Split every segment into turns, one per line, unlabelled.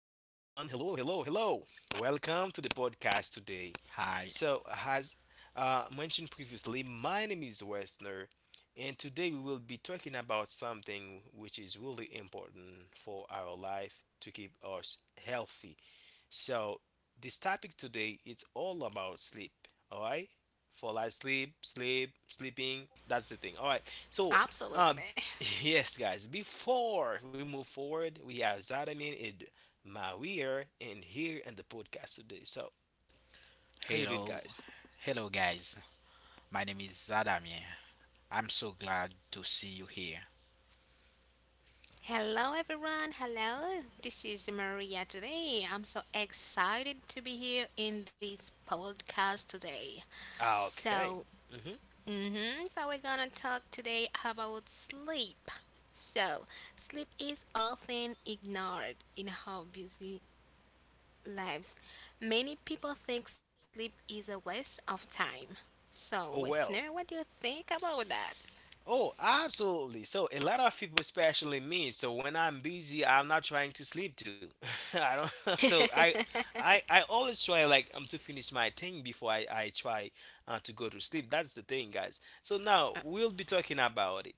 Hello, hello, hello. Welcome to the podcast today.
Hi.
So, as mentioned previously, my name is Westner, and today we will be talking about something which is really important for our life to keep us healthy. So this topic today it's all about sleep. All right, fall asleep, sleep, sleeping. That's the thing. All right. So, um,
Absolutely.
yes, guys. Before we move forward, we have Zadamin and Mawir in here in the podcast today. So, how you doing,
Hello.
guys?
Hello, guys. My name is Adam here. I'm so glad to see you here.
Hello, everyone. Hello. This is Maria today. I'm so excited to be here in this podcast today.
Ah,
So,
okay. Mm-hmm.
mhm, so we're gonna talk today about sleep. So, sleep is often ignored in our busy lives. Many people think sleep is a waste of time. So,
Oh,
listener,
well.
what do you think about that?
Oh, absolutely. So a lot of people, especially me, so when I'm busy, I'm not trying to sleep too. I don't. So I always try like to finish my thing before I try to go to sleep. That's the thing, guys. So now we'll be talking about it.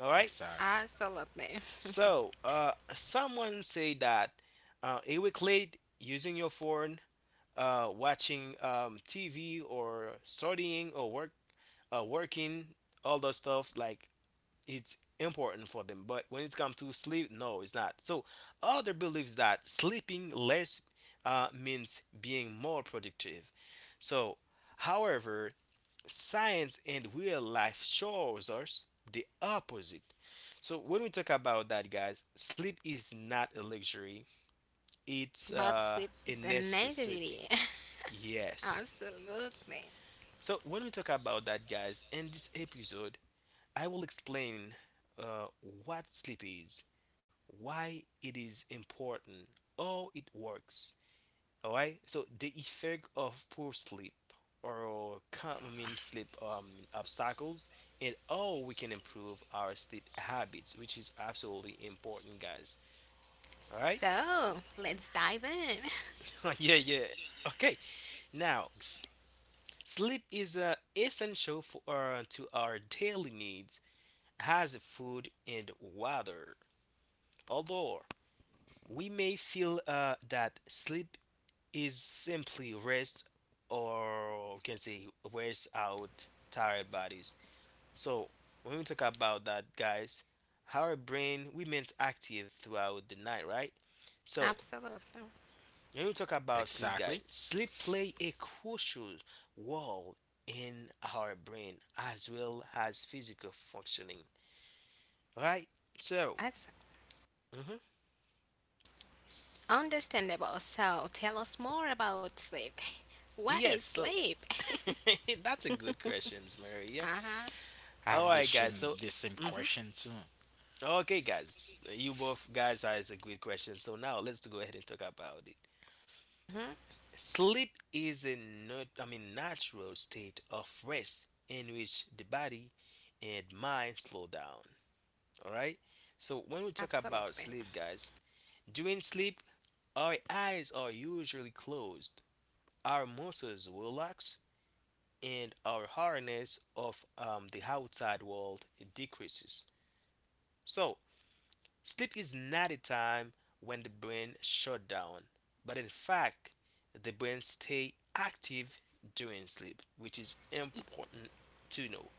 All right.
Exactly.
Absolutely.
So someone say that a week late using your phone, watching TV or studying or work, working, all those stuffs like it's important for them. But when it comes to sleep, no, it's not. So other believes that sleeping less means being more productive. So, however, science and real life shows us the opposite. So when we talk about that, guys, sleep is not a luxury; it's
But sleep
a
is a
necessity.
necessity.
Yes.
Absolutely.
So when we talk about that, guys, in this episode, I will explain uh, what sleep is, why it is important, how it works. All right. So the effect of poor sleep or common sleep obstacles and how we can improve our sleep habits, which is absolutely important, guys. All right.
So let's dive in.
Yeah. Yeah. Okay. Now,
Ex-
sleep is essential for to our daily needs as food and water. Although we may feel that sleep is simply rest, or we can say rest out tired bodies. So when we talk about that, guys, our brain remains active throughout the night, right? So
Absolutely.
when we talk about sleep,
Exactly.
guys, sleep play a crucial role in our brain as well as physical functioning, right? So
Exactly.
mhm.
Understandable. So tell us more about sleep. What is
Yes, so
sleep?
that's a good question, Maria.
Uh-huh.
I
All
have the
right, guys.
same
So,
the same
mhm.
question too.
Okay, guys, you both guys asked a great question. So now let's go ahead and talk about it.
Mhm.
Sleep is a I mean natural state of rest in which the body and mind slow down. All right. So when we talk about
Absolutely.
sleep, guys, during sleep, our eyes are usually closed, our muscles relax, and our awareness of the outside world decreases. So sleep is not a time when the brain shut down, but in fact, the brain stay active during sleep, which is important to know.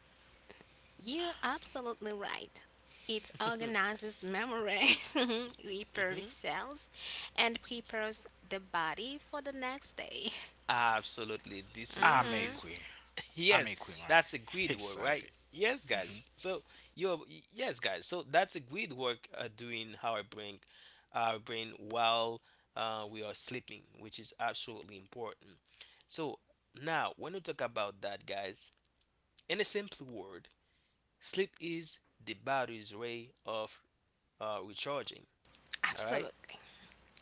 You're absolutely right. It organizes memories, repairs
Mhm.
cells, and prepares the body for the next day.
Absolutely. This is
I'm
this
a
Mhm.
is
queer. I'm
yes,
a queer, Mario.
that's a great work,
Exactly.
right? Yes,
hmm
guys. So you yes, guys. So that's a great work doing our brain while we are sleeping, which is absolutely important. So now when we talk about that, guys, in a simple word, sleep is the body's way of recharging. All right,
Absolutely.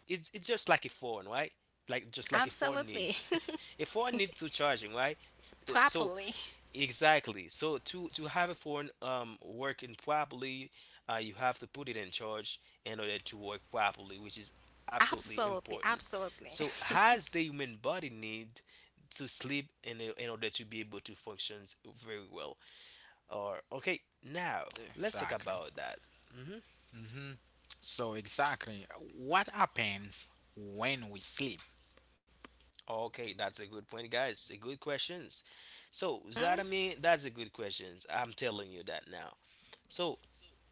it's just like a phone, right? Like just like a phone
Absolutely.
needs, a phone needs to charging, right? So
Properly.
exactly. So to have a phone working properly, you have to put it in charge in order to work properly, which is absolutely
Absolutely,
important.
absolutely.
So has the human body need to sleep in order to be able to function very well? Or okay, now let's talk
Exactly.
about that. Hmm.
hmm So exactly, what happens when we sleep?
Okay, that's a good point, guys. A good questions. So
Mhm.
that I mean, that's a good questions. I'm telling you that now. So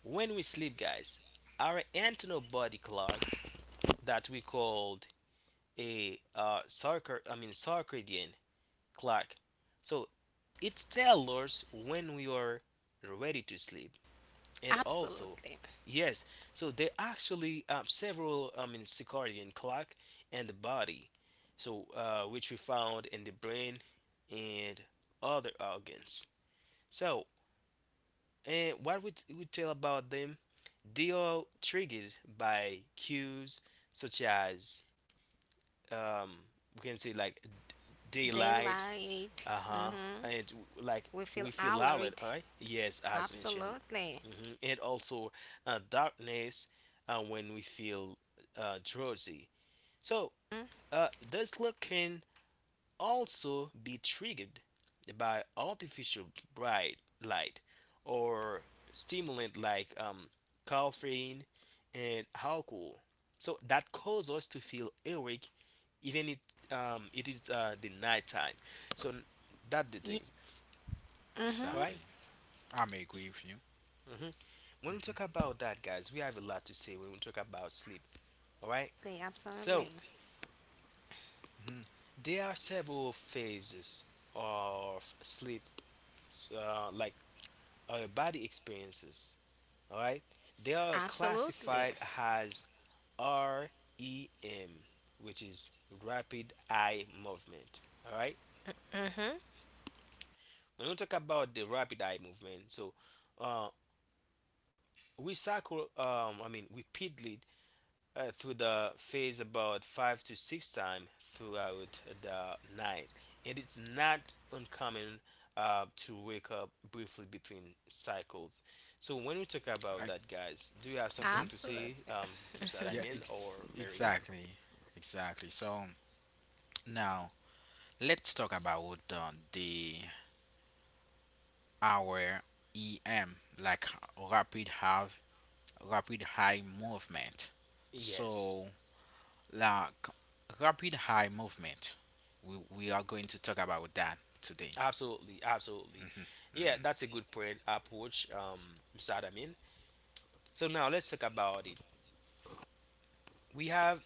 when we sleep, guys, our internal body clock that we called a I mean circadian clock. So it tells us when we are ready to sleep. And also,
Absolutely.
yes, so they actually several, I mean, circadian clock and the body. So which we found in the brain and other organs. So and what we, we tell about them, they are triggered by cues such as um, we can say like d- daylight.
Daylight.
Uh huh.
Mm-hmm.
And like
We feel
we feel loud,
alert.
right? Yes, as mentioned.
Absolutely.
Hmm. And also darkness, when we feel drowsy. So this look can also be triggered by artificial bright light or stimulant like caffeine and alcohol. So that causes us to feel awake even it is the nighttime. So
Yeah.
that the thing.
Mm-hmm.
All right.
Exactly. I'm agree with you.
Mm-hmm. When we talk about that, guys, we have a lot to say when we talk about sleep. All right.
Absolutely.
So
hmm
there are several phases of sleep, like our body experiences. All right. They are
Absolutely.
classified as REM, which is rapid eye movement. All right.
Mm-hmm.
When we talk about the rapid eye movement, so uh, we cycle. I mean, repeatedly through the phase about five to six times throughout the night. And it's not uncommon to wake up briefly between cycles. So when we talk about
I,
that, guys, do you have
hmm
something to say,
Absolutely.
Mr.
Yeah.
Damien or
Ex-
Maria?
exactly. Exactly. So now let's talk about the our EM, like rapid have rapid high movement.
Yes,
So like rapid high movement, we are going to talk about that today.
absolutely, absolutely.
Mhm,
Yeah,
mhm.
that's a good point approach, Mr. Adamin. So now let's talk about it. We have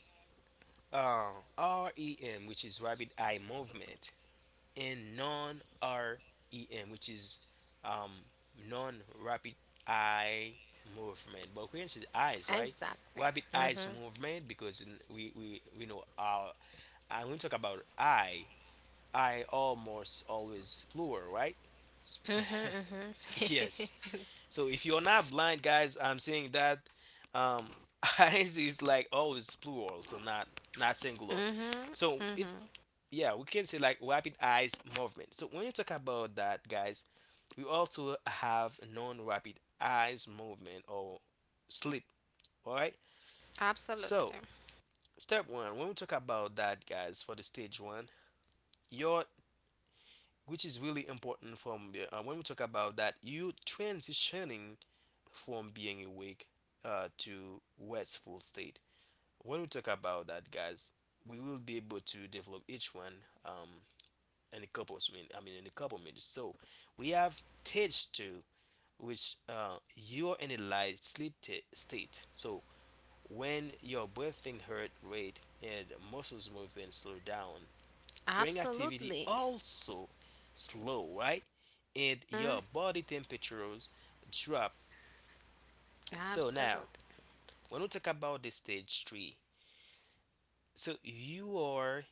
uh, REM, which is rapid eye movement, and non-REM, which is um, non-rapid eye movement. But we mentioned eyes, right?
Exactly.
Rapid
Mm-hmm.
eyes movement, because we know our and we talk about eye, eye almost always plural, right? Yes. So if you're not blind, guys, I'm saying that um, eyes is like always plural, so not singular. So it's yeah, we can say like rapid eyes movement. So when you talk about that, guys, we also have non-rapid eyes movement or sleep. All right.
Absolutely.
So step one, when we talk about that, guys, for the stage one, your which is really important from when we talk about that, you transitioning from being awake to restful state. When we talk about that, guys, we will be able to develop each one in a couple of minutes. I mean, in a couple of minutes. So we have stage two, which you are in a light sleep state. So when your breathing heart rate and muscles movement slow down, brain activity
Absolutely.
also slow, right? And
Mm.
your body temperatures drop. So now,
Absolutely.
when we talk about the stage three, so you are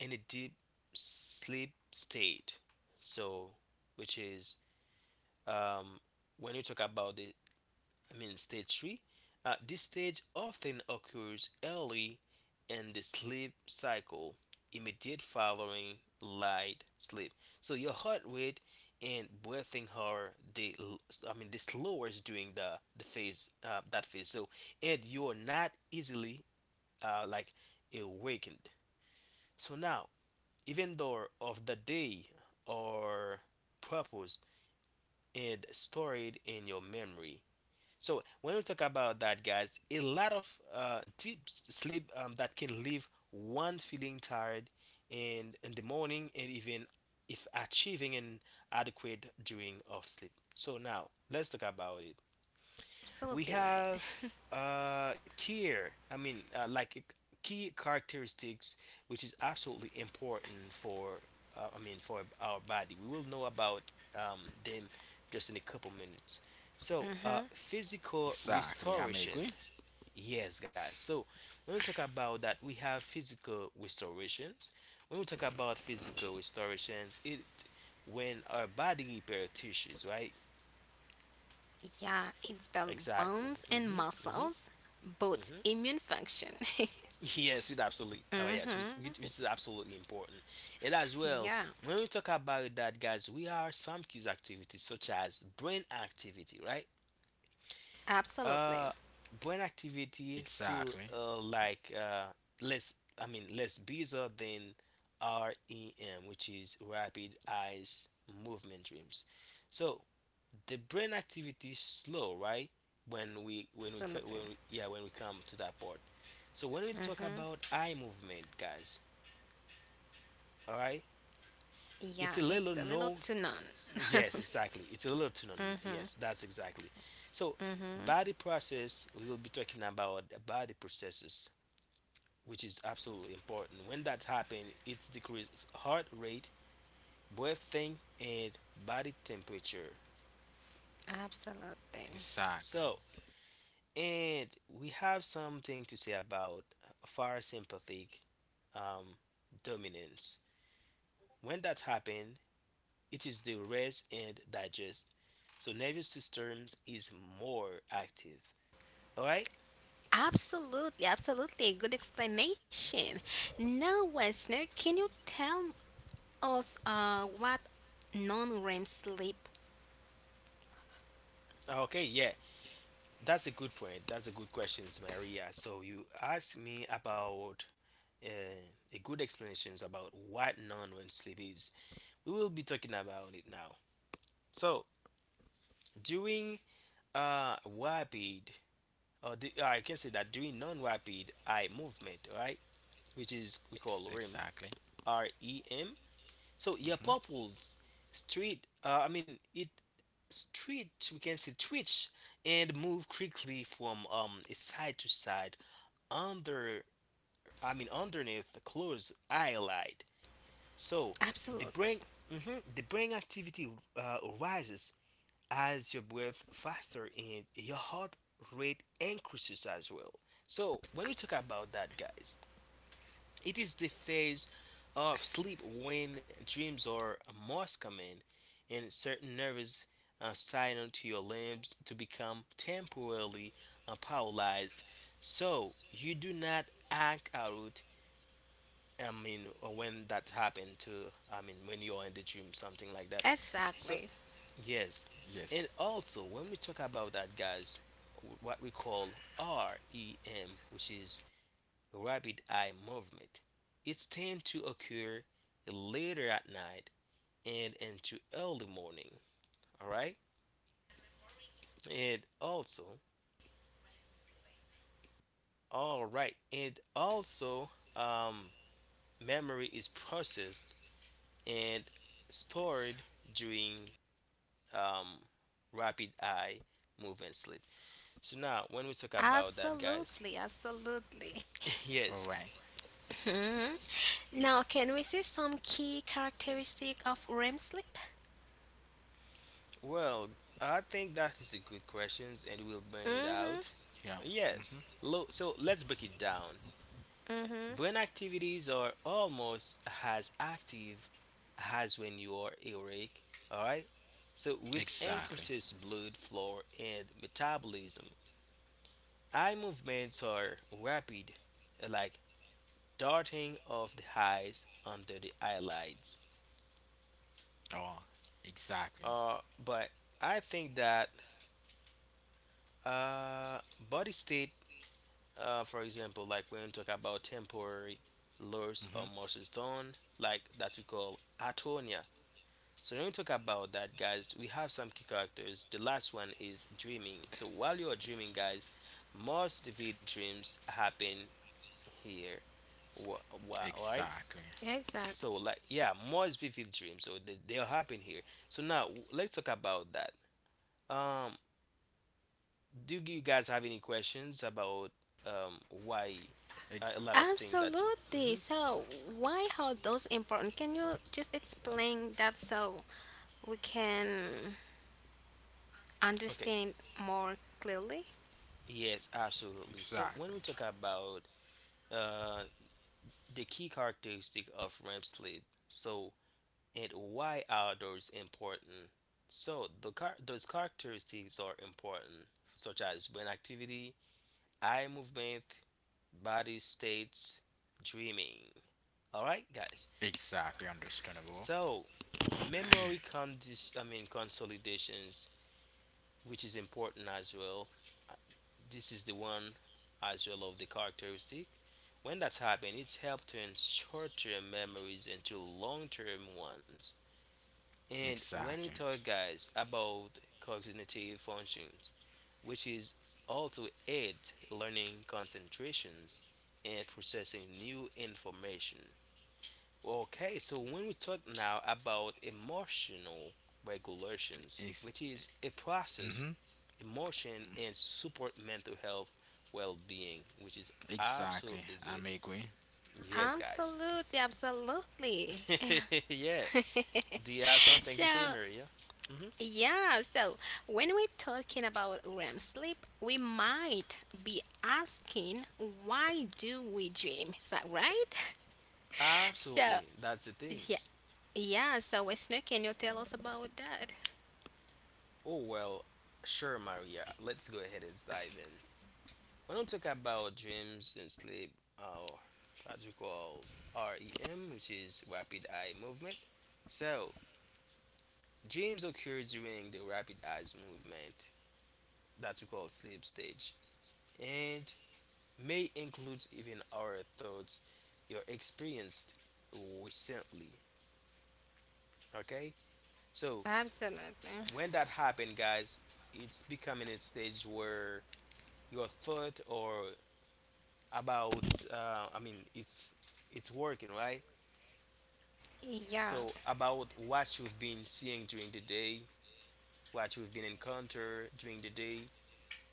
in a deep sleep state. So, which is um, when you talk about the I mean stage three, this stage often occurs early in the sleep cycle, immediate following light sleep. So your heart rate and breathing are I mean the slowest during the phase, that phase. So and you're not easily like awakened. So now, even though of the day or purpose and stored in your memory. So when we talk about that, guys, a lot of deep sleep that can leave one feeling tired in the morning, and even if achieving an adequate during of sleep. So now let's talk about it.
Absolutely
We
right.
have care I mean like key characteristics, which is absolutely important for I mean for our body. We will know about them just in a couple minutes. So
Mm-hmm.
physical
Exactly, I'm
restoration.
agree.
Yes, guys. So when we talk about that, we have physical restorations. When we talk about physical restorations, it when our body repair tissues, right?
Yeah, it's built
Exactly.
bones and
Hmm. Hmm.
muscles, both
Hmm.
immune function.
Yes, it absolutely. Oh, yes, which, which
Mhm.
which is absolutely important. And as well,
Yeah,
when we talk about that, guys, we are some key activities such as brain activity, right?
absolutely.
Uh, brain activity through
Exactly,
like less, I mean, less busy than REM, which is rapid eyes movement dreams. So the brain activity is slow, right? When we co-
Absolutely.
when we, yeah when we come to that part. So when we talk
Mhm.
about eye movement, guys, all right,
Yeah,
it's a
it's a
little
little to
no.
none.
Yes, exactly. It's a little to no. Yes, that's exactly. So
Mhm.
body process we will be talking about body processes, which is absolutely important. When that happens, it's decreased heart rate, breathing, and body temperature.
Absolutely.
exactly,
So and we have something to say about far sympathetic um, dominance. When that happens, it is the rest and digest. So nervous systems is more active. All right.
Absolutely, absolutely. Good explanation. Now, Wesner, can you tell us what non-REM sleep?
Okay. Yeah, that's a good point. That's a good question, Maria. So you asked me about uh, a good explanations about what non-REM sleep is. We will be talking about it now. So during uh, rapid I can say that doing non-rapid eye movement, right, which is we call REM,
exactly.
REM. So your
hmm
pupils I mean it stretch. We can say twitch and move quickly from side to side under, I mean underneath the closed eyelid. So
Absolutely.
the brain, mhm, the brain activity rises as you breathe faster in, your heart rate increases as well. So, when we talk about that, guys, it is the phase of sleep when dreams or most common and certain nervous signal to your limbs to become temporarily paralyzed. So, you do not act out. I mean, when that happened to, I mean, when you're in the dream, something like that. So,
Exactly.
yes.
Yes,
And also, when we talk about that, guys, what we call REM, which is rapid eye movement, it's tend to occur later at night and into early morning. All right. And also, And also, um, memory is processed and
it's
stored during um, rapid eye movement sleep. So now, when we talk about that, guys,
Absolutely, absolutely.
all
yes.
right.
Now, can we see some key characteristic of REM sleep?
Well, I think that is a good question and we'll bring it out.
Yeah.
Yes.
hmm
So let's break it down. Brain
Mm-hmm.
activities are almost as active as when you are awake, all right? So with
Exactly.
increases blood flow and metabolism, eye movements are rapid, like darting of the eyes under the eyelids.
Oh, exactly.
Uh, but I think that uh, body state. For example, like when we talk about temporary loss or
Mm-hmm.
muscle tone, like that we call atonia. So when we talk about that, guys, we have some key characters. The last one is dreaming. So while you are dreaming, guys, most vivid dreams happen here. Wha- Alright.
Exactly.
So like
Exactly.
yeah, most vivid dreams. So they'll happen here. So now let's talk about that. Um, do you guys have any questions about why a
Ex-
lot of things that?
Absolutely.
Mhm.
So, why are those important? Can you just explain that so we can
Okay.
understand more clearly?
Yes, absolutely. So when
exactly.
we talk about uh, the key characteristic of REM sleep, so and why are those important? So the those characteristics are important, such as brain activity, eye movement, body states, dreaming. All right, guys.
Exactly understandable.
So memory condis I mean consolidations, which is important as well, this is the one as well of the characteristic. When that's happened, it's helped turn short-term memories into long-term ones. And when we
Exactly.
talk, guys, about cognitive functions, which is also aid learning concentrations and processing new information. Okay, so when we talk now about emotional regulations,
Ex-
which is a process
mm-hmm.
emotion and support mental health well-being, which is
Exactly.
absolutely
I
good,
may agree.
yes, guys.
Absolutely, absolutely.
Yeah, do you have something
So,
to say, Maria? hmm
yeah, so when we're talking about REM sleep, we might be asking, why do we dream? Is that right? So,
Absolutely, that's the thing.
yeah, yeah, so Wesley, can you tell us about that?
Oh well, sure, Maria, let's go ahead and dive in. When we talk about dreams and sleep, or as we call REM, which is rapid eye movement, so dreams occur during the rapid eyes movement that we call sleep stage, and may includes even our thoughts you experienced recently. Okay. So
Absolutely.
when that happened, guys, it's becoming a stage where your thought or about I mean, it's working, right?
Yeah,
So about what you've been seeing during the day, what you've been encounter during the day,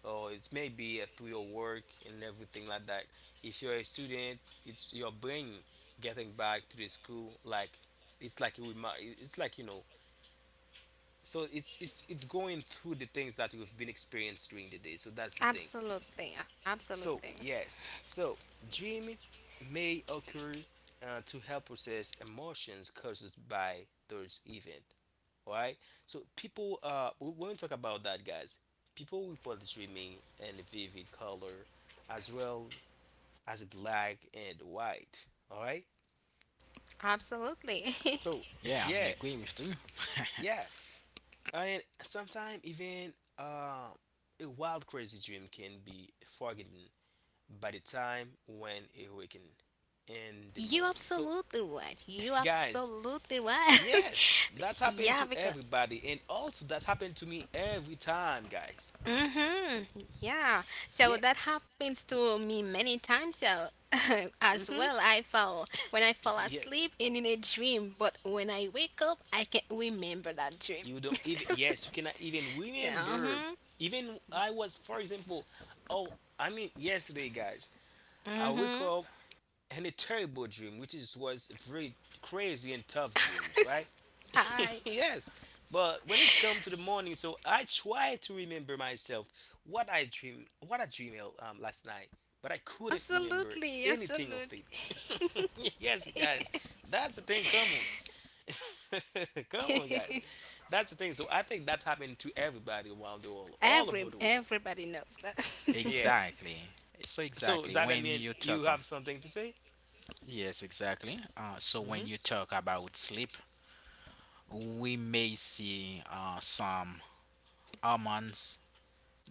or it may be through your work and everything like that. If you're a student, it's your brain getting back to the school like it's like you it's like. So it's going through the things that you've been experienced during the day. So that's the thing.
absolutely, absolutely,
So yes, so dream may occur to help process emotions caused by those events, right? So people, we want to talk about that, guys, people report dreaming in vivid color as well as black and white. All right.
absolutely.
So
Yeah, I
yeah,
may agree with you.
yeah, and sometimes even a wild, crazy dream can be forgotten by the time when awakened in the
You
morning. So
absolutely right. You
guys,
absolutely right.
yes, that's happened
Yeah,
to
because
everybody, and also that happened to me every time, guys.
mm-hmm. Yeah. So
Yeah.
that happens to me many times. So as
Hmm.
well, I fall when I fall
Yes.
asleep and in a dream, but when I wake up, I can't remember that dream.
You don't even, yes, you cannot even
Yeah. Mm-hmm.
remember. Even I was, for example, oh, I mean, yesterday, guys, I wake
Mm-hmm.
up in a terrible dream, which is was very crazy and tough dreams, right?
Hi.
Yes, but when it's come to the morning, so I try to remember myself what I dreamed last night, but I couldn't remember
Absolutely.
anything of
Absolutely.
it. Yes, guys, that's the thing. Come on. Come on, guys. That's the thing. So I think that's happening to everybody around the world, all over the world.
Everybody knows that.
Yes.
exactly. So
So does
exactly
that
when
mean
you
you
talk
have something to say?
Yes, exactly. So when
hmm
you talk about sleep, we may see some hormones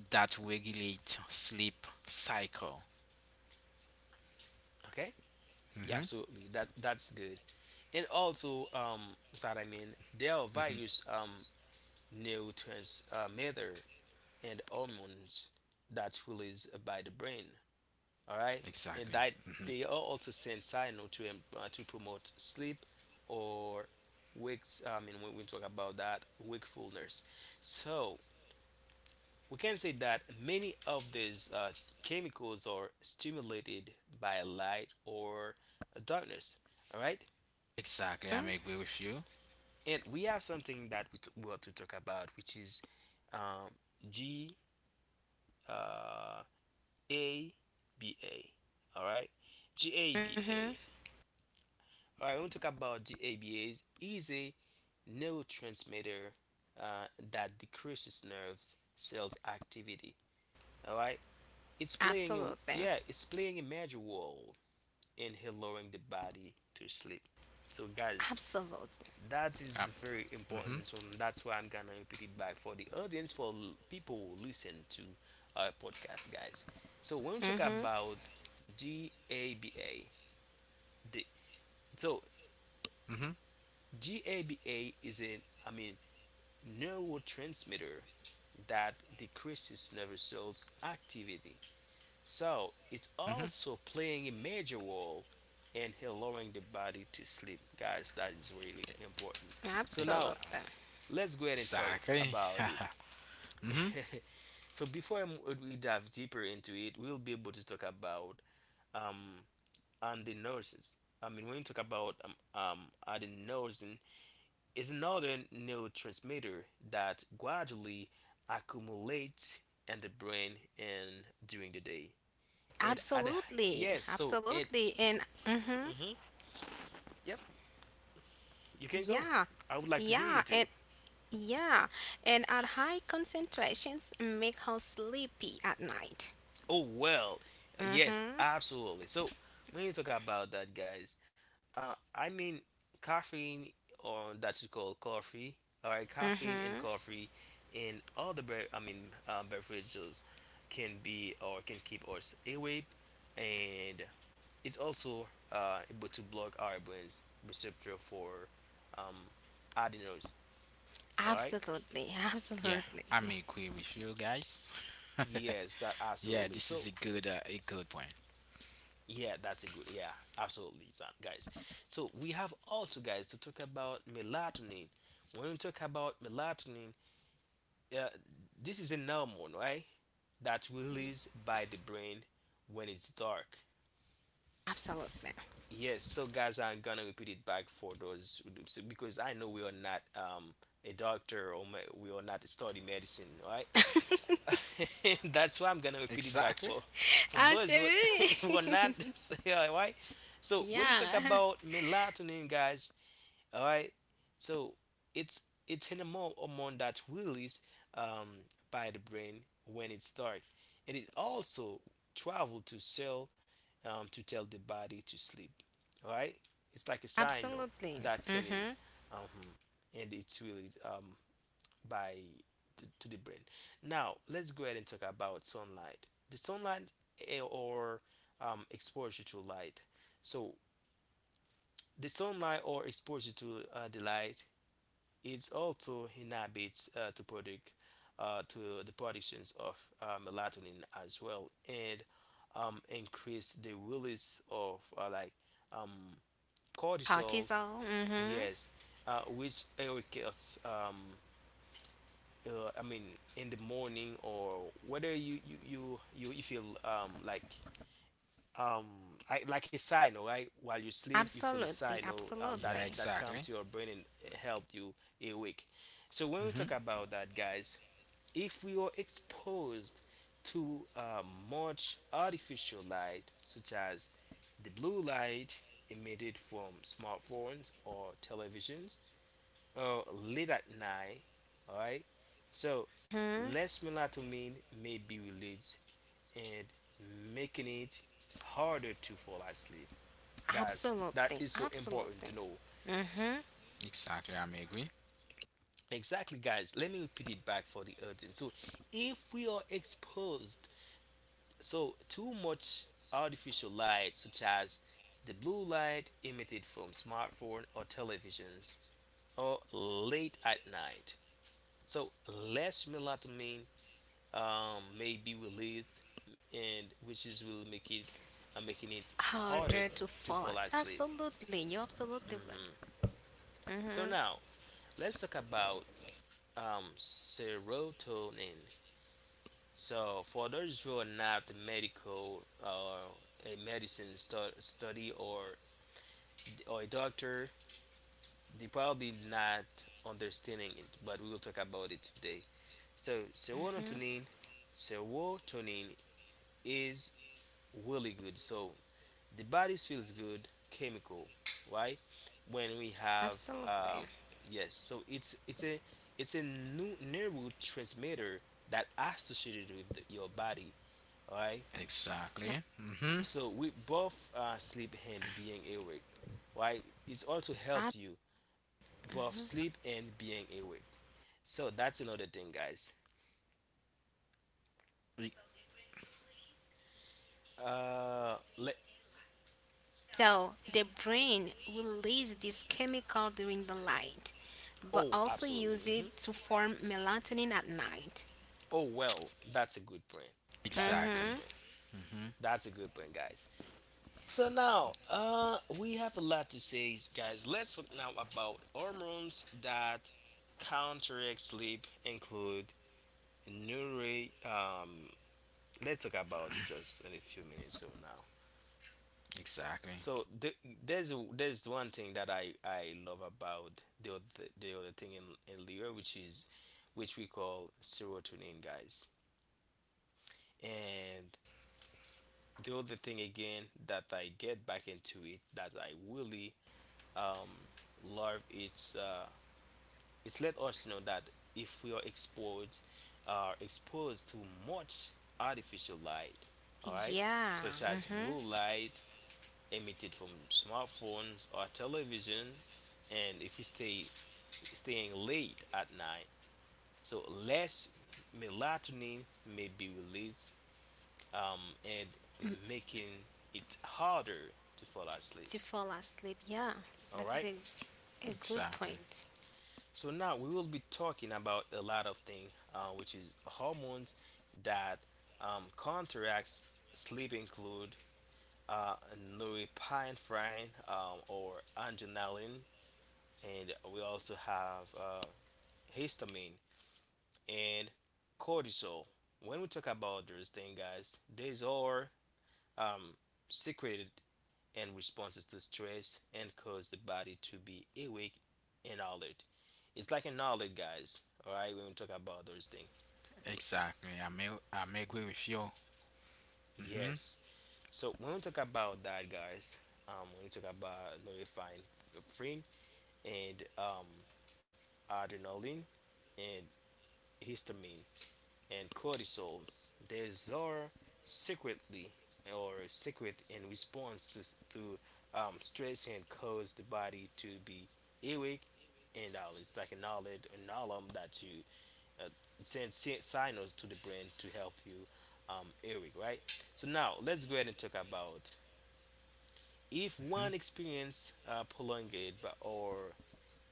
that regulate sleep cycle.
Okay. Yeah,
hmm
absolutely. That's good. And also, does that I mean, there are
hmm
various neurotransmitter and hormones that's released by the brain. All right, and
Exactly.
that
hmm
they are also send signal to to promote sleep or wakes I mean, when we talk about that, wakefulness. So we can say that many of these chemicals are stimulated by light or darkness, all right?
Exactly. I may agree with you.
And we have something that we want to talk about, which is um, g uh, ABA, all right, g a b
Mm-hmm.
a All right, I want to talk about the ABA is a neurotransmitter uh, that decreases nerves cells activity. All right, it's playing a
Absolutely.
yeah, it's playing a major role in allowing the body to sleep. So guys,
Absolutely.
that is
Um,
very
hmm
important. So that's why I'm gonna repeat it back for the audience, for people who listen to our podcast, guys. So when we talk
Mm-hmm.
about GABA, the so
hmm
GABA is a, I mean, neurotransmitter that decreases nerve cells activity. So it's
hmm
also playing a major role in allowing the body to sleep. Guys, that is really important. So now
Exa-
Absolutely.
let's go ahead and talk
exactly.
about it.
hmm
So before we dive deeper into it, we'll be able to talk about um and the nurses. I mean, when you talk about adenosine is another neurotransmitter that gradually accumulates in the brain and during the day. And at the,
Absolutely.
yes, so it,
Absolutely. And. Mm-hmm.
mhm, yep, you can go.
Yeah,
I would like to hear you
yeah,
too.
and yeah, and at high concentrations make her sleepy at night.
Oh well, yes,
Mhm.
absolutely. So when you talk about that, guys, I mean, caffeine, or that you call coffee, all right, caffeine
Mhm.
and coffee, and all the I mean beverages can be or can keep us awake, and it's also able to block our brain's receptor for um, adenosine. All right,
Absolutely,
Yeah,
absolutely,
I may agree with you guys.
yes, that
yeah,
absolutely.
this
So
is a good point.
yeah, that's a good. Yeah, absolutely, Zan, guys. So we have also, guys, to talk about melatonin. When we talk about melatonin, uh, this is an hormone, right? That's released by the brain when it's dark.
absolutely.
Yes. So, guys, I'm gonna repeat it back for those because I know we are not a doctor or we are not study medicine, right? That's why I'm gonna repeat it back
Exactly.
for those who, who are not,
Absolutely.
yeah, why. So when we talk
Yeah,
about melatonin, guys, all right. So it's an hormone that's released um, by the brain when it starts, and it also travel to cell to tell the body to sleep. All right, it's like a signal
absolutely.
that's setting,
Mhm.
um, and it's really by to the brain. Now let's go ahead and talk about sunlight. The sunlight or exposure to light. So the sunlight or exposure to the light is also inhibits to the productions of melatonin as well, and increase the release of like cortisol.
Cortisol. Mhm.
Yes, which occurs I mean, in the morning or whether you feel like um like a signal, right? While you sleep, you feel a
Absolutely,
signal that
Yeah,
absolutely.
that comes
exactly.
to your brain and help you awake. So when we talk
hmm
about that, guys, if we are exposed to much artificial light, such as the blue light emitted from smartphones or televisions, late at night. All right. So
Mhm.
less melatonin may be released, and making it harder to fall asleep. Guys, that
Absolutely,
is so important
absolutely.
to know.
Mhm.
Exactly. I may agree.
Exactly, guys. Let me repeat it back for the audience. So, if we are exposed so too much artificial light, such as the blue light emitted from smartphone or televisions, or late at night, so less melatonin may be released, and which is will make it, making it harder
Harder to
to fall
fall asleep.
asleep.
Absolutely, you're absolutely right.
So now let's talk about serotonin. So for those who are not medical or a medicine study or a doctor, they probably not understanding it, but we will talk about it today. So serotonin is really good. So the body feels good chemical, right, when we have
Absolutely.
yes, so it's a new neurotransmitter that associated with your body. Right.
Exactly. Mm-hmm.
So with both sleep and being awake, right, it's also helped you both sleep and being awake, so that's another thing, guys.
E-
Let
So the brain releases this chemical during the light, but
oh
also use
absolutely.
it to form melatonin at night.
Oh well, that's a good point, that's a good
Exactly.
Mm-hmm.
point,
Mm-hmm.
that's a good point, guys. So now, we have a lot to say, guys. Let's talk now about hormones that counteract sleep include neuro. Let's talk about it just in a few minutes from now.
Exactly.
So the, there's there's one thing that I love about the other thing in Leo, which is which we call serotonin, guys. And the other thing again that I get back into it that I really um, love it's let us know that if we are exposed to much artificial light, all right,
Yeah.
such as
Mm-hmm.
blue light emitted from smartphones or television, and if we staying late at night, so less melatonin may be released, and making it harder to fall asleep,
To fall asleep. Yeah,
all
that's
right.
the, a good
Exactly.
point.
So now we will be talking about a lot of things, which is hormones that counteracts sleep include uh, norepinephrine, or adrenaline, and we also have histamine and cortisol. When we talk about those things, guys, these are um, secreted and responses to stress and cause the body to be awake and alert. It's like an alert, guys. All right, when we talk about those things.
Exactly. I may agree with you. Mm-hmm.
Yes. So when we talk about that, guys, when we talk about norepinephrine and adrenaline and histamine and cortisol. These are secretly or secret in response to stress and cause the body to be awake and all. It's like an alert, an alarm that you uh, send signals to the brain to help you awake, right? So now let's go ahead and talk about if one
Mm-hmm.
experience prolonged or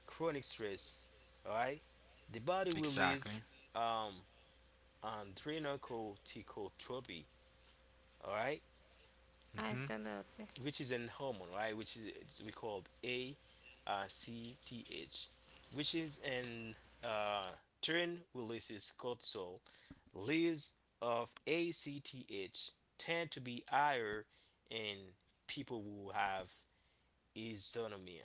chronic stress, all right, the body will release
Exactly.
um, adrenochromatotropi, all right,
Mm-hmm.
Absolutely.
which is an hormone, right, which is it's, we called ACTH, which is an uh, turn releases cortisol. Levels of ACTH tend to be higher in people who have isonomia.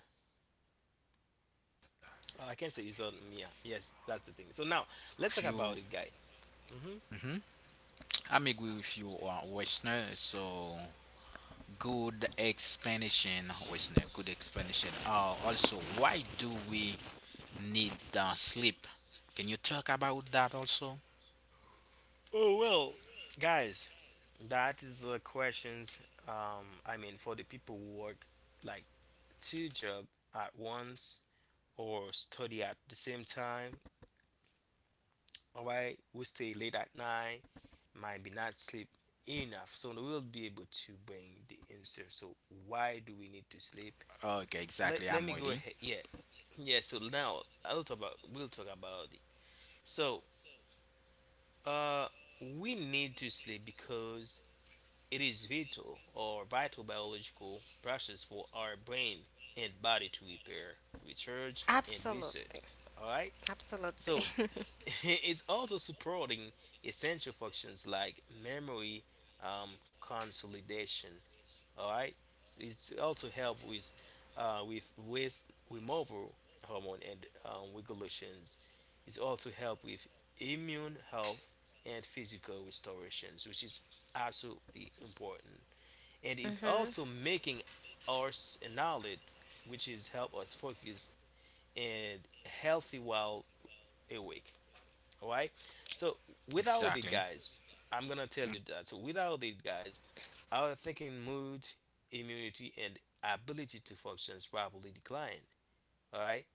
Oh, I can't say isonomia. Yes, that's the thing. So now let's
If
talk about
you
it, guy. Hmm.
mm-hmm. I may agree with you, Westner. So good explanation, Westner. Good explanation. Also, why do we need sleep? Can you talk about that also?
Oh well, guys. That is the questions. I mean, for the people who work like two job at once or study at the same time. All right, we stay late at night, might be not sleep enough, so we will be able to bring the answer. So why do we need to sleep?
Okay, exactly.
Let
I'm
me go
waiting.
ahead. Yeah, yeah. So now I'll talk about we'll talk about it. So uh, we need to sleep because it is vital or vital biological process for our brain and body to repair, recharge, and reset.
Absolutely.
All right. So
Absolutely.
it's also supporting essential functions like memory, consolidation. All right. It's also help with waste removal hormone and regulations. It's also help with immune health and physical restorations, which is absolutely important, and it
Mm-hmm.
also making our knowledge, which is help us focus and healthy while awake, all right. So without it,
Exactly.
guys, I'm gonna tell you that, so without it, guys, our thinking, mood, immunity, and ability to function is probably decline, all right,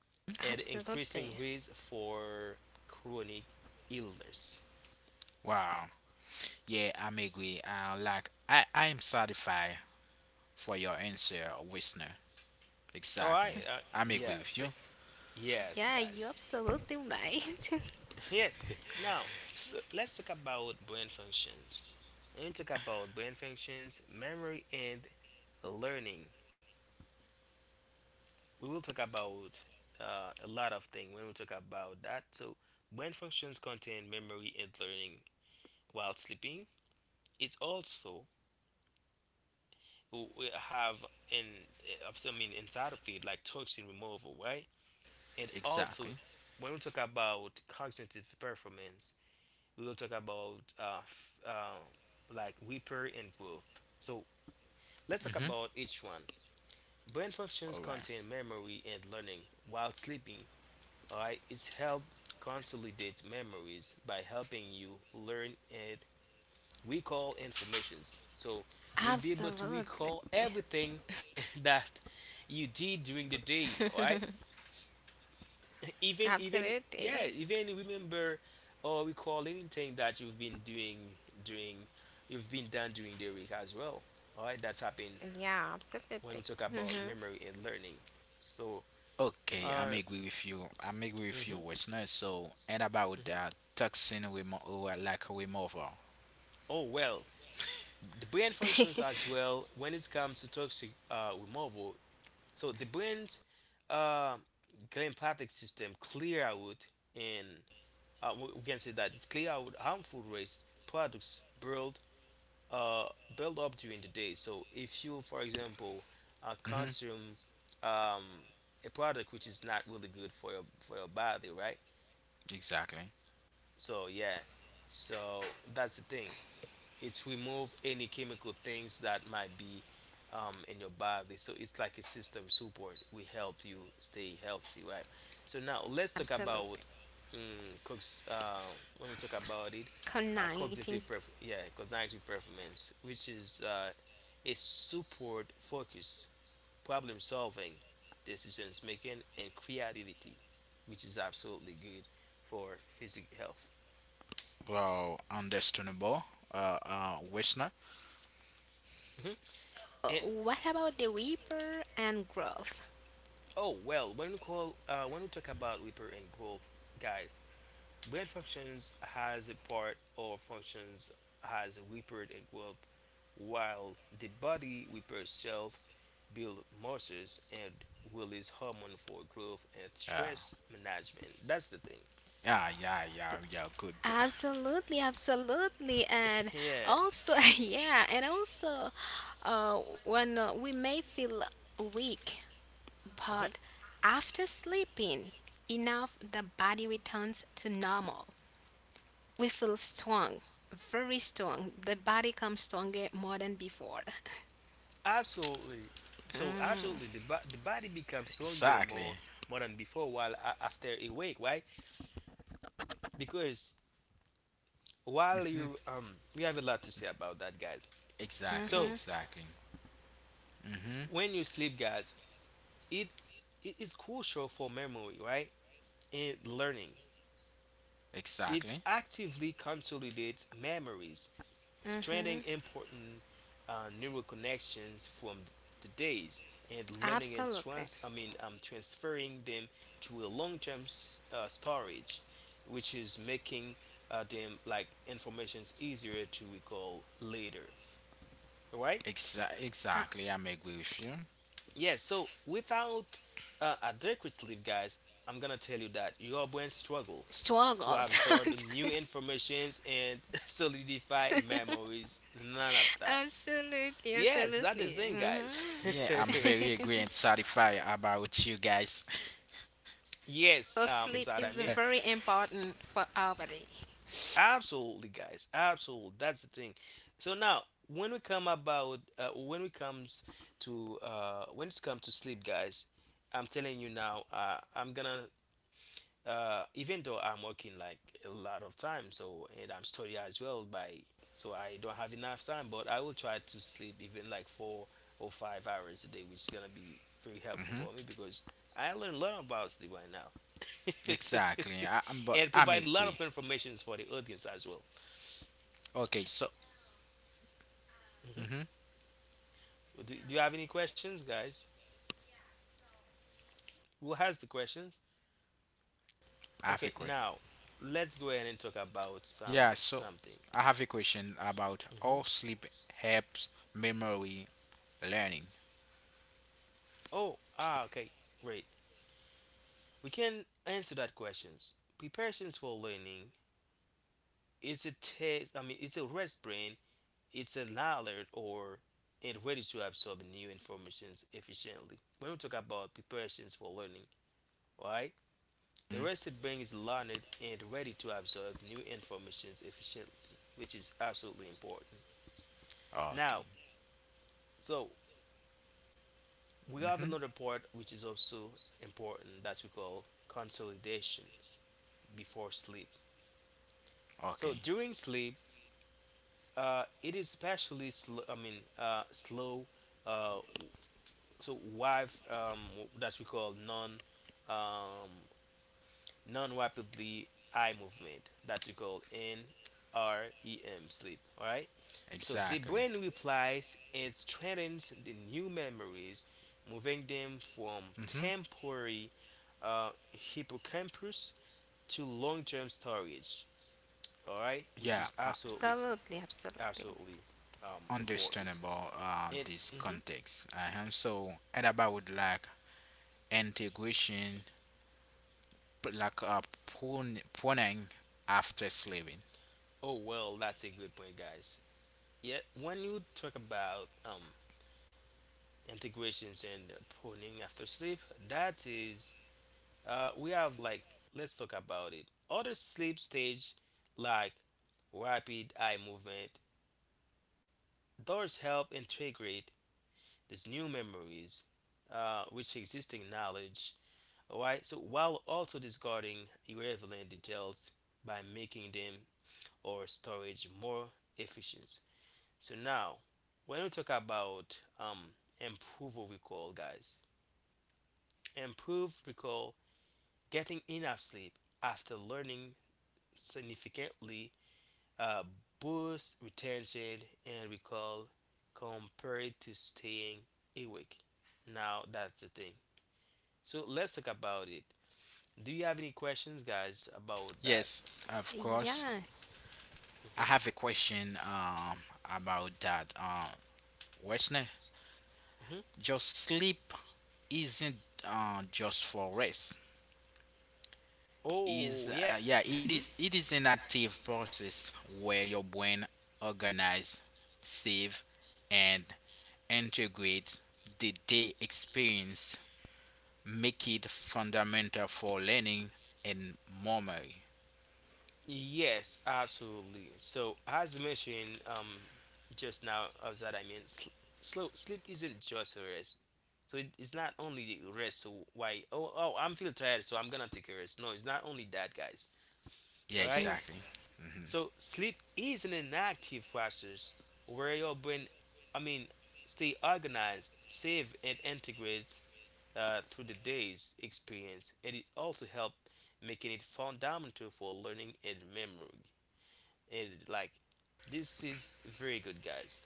and
Absolutely.
increasing risk for chronic illness,
Wow. Yeah, I'm agree. Like I am satisfied for your answer, listener.
all right.
Exactly. I'm
Yeah
agree with you.
th- yes,
Yeah, you're
guys.
absolutely right.
Yes, now
So,
let's talk about brain functions. When we talk about brain functions, memory, and learning, we will talk about a lot of things when we talk about that. So, brain functions contain memory and learning while sleeping. It's also we have in I mean inside of it like toxin removal, right? And also
exactly.
when we talk about cognitive performance, we will talk about like repair and growth. So let's talk
Mhm.
about each one. Brain functions
All right.
contain memory and learning. While sleeping, alright, it's help consolidate memories by helping you learn and recall informations. So you'll be able to recall
Absolutely.
everything that you did during the day, alright? Even
Absolutely.
yeah, even remember or recall anything that during you've been done during the week as well. Alright, that's happened
Yeah, absolutely.
when we talk
Mm-hmm.
about memory and learning. So,
Okay,
uh,
I'm agree with you. I'm agree with you,
mhm,
listener. So, and about
mhm.
that toxin removal, like removal.
Oh well, the brain functions as well when it comes to toxic removal. So the brain's uh, glymphatic system clear out and uh, we can say that it's clear out harmful waste products uh, build up during the day. So if you, for example,
Mhm.
consume um, a product which is not really good for your body, right?
Exactly.
So yeah, so that's the thing. It's remove any chemical things that might be in your body. So it's like a system support. We help you stay healthy, right? So now let's talk about
Absolutely.
cooks. When we talk about it,
Connecting
cognitive performance, which is a support focus, problem solving, decisions making, and creativity, which is absolutely good for physical health.
Well, understandable. Listener.
Mm-hmm. And
what about the reaper and growth?
oh well, when we talk about repair and growth, guys, brain functions has a part or functions has a repair and growth, while the body repairs self, build muscles, and release hormone for growth and
Yeah.
stress management. That's the thing.
Yeah, yeah, yeah, yeah. Good.
Absolutely, absolutely, and
Yeah,
also yeah, and also when we may feel weak,
hmm,
but after sleeping enough, the body returns to normal. We feel strong, very strong. The body comes stronger more than before.
absolutely. So
Mm-hmm.
absolutely, the body becomes stronger
Exactly.
more than before while after a week. Why? Because while you
Mhm.
we have a lot to say about that, guys.
Exactly.
Mm-hmm.
So
Exactly. Mhm.
when you sleep, guys, it it is crucial for memory, right, and learning. It
Exactly.
actively consolidates memories, strengthening
Mm-hmm.
important neural connections from the days and learning and
Absolutely.
transferring them to a long-term storage, which is making them like informations easier to recall later, all right.
Exa-
Uh,
exactly, I'm agree with you.
Yeah, so without adequate sleep, guys, I'm gonna tell you that your brain struggle to
Struggles.
absorb new informations and solidify memories. None of that.
Absolutely,
Yes, that is
absolutely.
thing, guys.
Hmm.
Yeah, I'm very agree and satisfied about you guys.
Yes,
So
is
sleep
that I
is
mean,
very important for our body.
absolutely, guys, absolutely. That's the thing. So now, when we come about, when we comes to, when it's come to sleep, guys, I'm telling you now, I'm gonna even though I'm working like a lot of time, so and I'm studying as well by so I don't have enough time, but I will try to sleep even like 4 or 5 hours a day, which is gonna be very helpful
hmm
for me because I learn a lot about sleep right now.
Exactly, I, am but
And
I'm
provide a lot
agree.
of informations for the audience as well.
Okay, so
Hmm.
hmm
Do you have any questions, guys? Who has the questions?
I have a
Okay,
question.
now let's go ahead and talk about
Yeah, so
something.
I have a question about
Hmm.
how sleep helps memory learning.
Oh, ah, okay, great. We can answer that questions. Preparations for learning is a test. I mean, it's a rest brain. It's an alert or and ready to absorb new informations efficiently. When we talk about preparations for learning, alright, a
Mhm.
rested brain is learned and ready to absorb new informations efficiently, which is absolutely important. Now,
Okay.
so we have
hmm
another part which is also important that we call consolidation before sleep. So
Okay.
during sleep, it is especially slow. I mean, slow. Uh, so wife that we call um, non rapidly eye movement that we call NREM sleep. All right. So the
Exactly.
brain replies and strengthens the new memories, moving them from
hmm
temporary hippocampus to long-term storage. All right, which
Yeah,
is
I
absolutely
Absolutely, absolutely.
absolutely
understand
important. It.
this
Mhm.
context. Uh-huh. So, and about like integration, like prawning after slaving.
Oh well, that's a good point, guys. Yeah, when you talk about integrations and pruning after sleep, that is, we have like let's talk about it. Other sleep stage like rapid eye movement. Those help integrate these new memories, with existing knowledge. Alright, so while also discarding irrelevant details by making them or storage more efficient. So now, when we talk about improve or recall, guys, improve recall, getting enough sleep after learning significantly uh, boosts retention and recall compared to staying awake. Now that's the thing. So let's talk about it. Do you have any questions, guys, about that?
Yes. Of course,
Yeah.
I
Hmm.
have a question about that. Westner,
Hmm.
just sleep isn't just for rest. Is
Oh yeah.
yeah, it
Hmm.
is. It is an active process where your brain organizes, save, and integrates the day experience, make it fundamental for learning and memory.
Yes, absolutely. So, as mentioned just now, as that I mean, sl- slow sleep isn't just a rest. So it's not only the rest. So why? Oh, I'm feel tired, so I'm gonna take a rest. No, it's not only that, guys.
Yeah,
All right.
exactly. Mm-hmm.
So sleep is an inactive process where your brain, I mean, stay organized, save, and integrates through the day's experience, and it also help making it fundamental for learning and memory, and like this is very good, guys.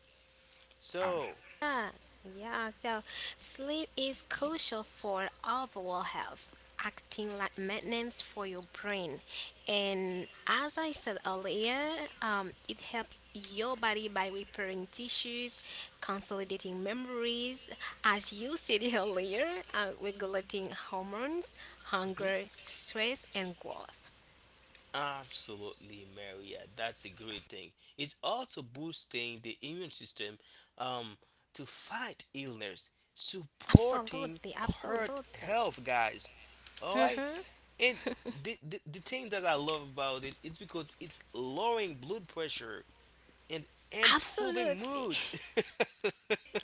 Um,
So
Yeah, yeah. So sleep is crucial for overall health, acting like maintenance for your brain. And as I said earlier, it helps your body by repairing tissues, consolidating memories, as you said earlier, regulating hormones,
mhm,
hunger, stress, and growth.
absolutely, Maria, that's a great thing. It's also boosting the immune system, um, to fight illness, supporting
Absolutely,
heart health,
absolutely.
guys, all right, and
Mm-hmm.
the thing that I love about it, it's because it's lowering blood pressure and improving
Absolutely.
mood.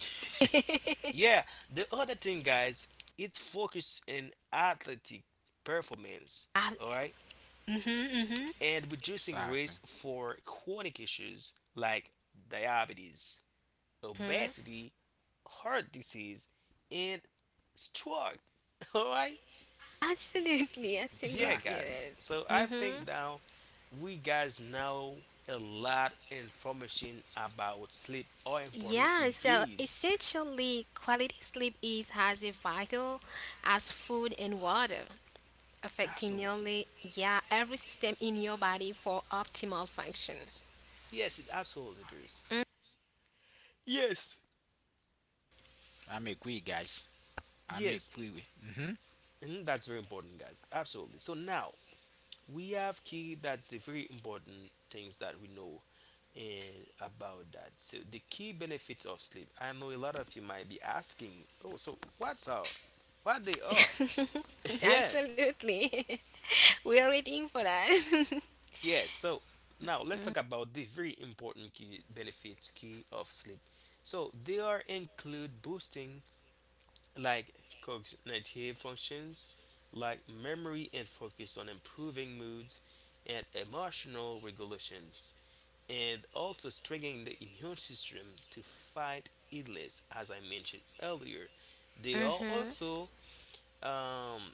Yeah, the other thing, guys, it's focused in athletic performance,
Uh,
all right,
mm-hmm, mm-hmm.
and reducing
exactly,
risk for chronic issues like diabetes,
Mm-hmm.
obesity, heart disease, and stroke. All right,
Absolutely,
yeah,
absolutely
exactly.
guys.
it is.
So I
Mm-hmm.
think now we guys know a lot information about sleep, how important
Yeah,
it
so
is.
essentially, quality sleep is as vital as food and water, affecting
Absolutely,
nearly yeah every system in your body for optimal function.
yes, it absolutely is. Yes,
I'm agree, guys. I'm
yes.
agree with.
And that's very important, guys. Absolutely. So now we have key. That's the very important things that we know and about that. So the key benefits of sleep. I know a lot of you might be asking, oh, so what's our, what they are?
Mm.
Yeah,
Absolutely, we are waiting for that.
yeah. So now let's talk about the very important key benefits key of sleep. So they are include boosting like cognitive functions like memory and focus on improving moods and emotional regulations, and also strengthening the immune system to fight illness, as I mentioned earlier. They are
Mm-hmm.
also um,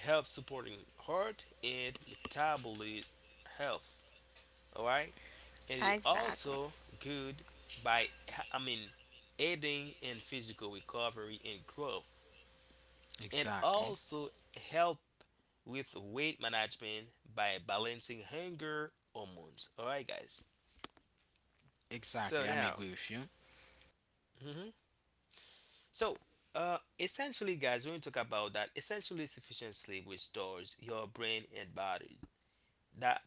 help supporting heart and metabolic health. All right, and it
Exactly.
also good by I mean aiding in physical recovery and growth. And
Exactly,
also help with weight management by balancing hunger hormones. All right, guys. So
exactly. I'm
now,
agree with you.
mhm. So essentially, guys, when we talk about that, essentially sufficient sleep restores your brain and body. That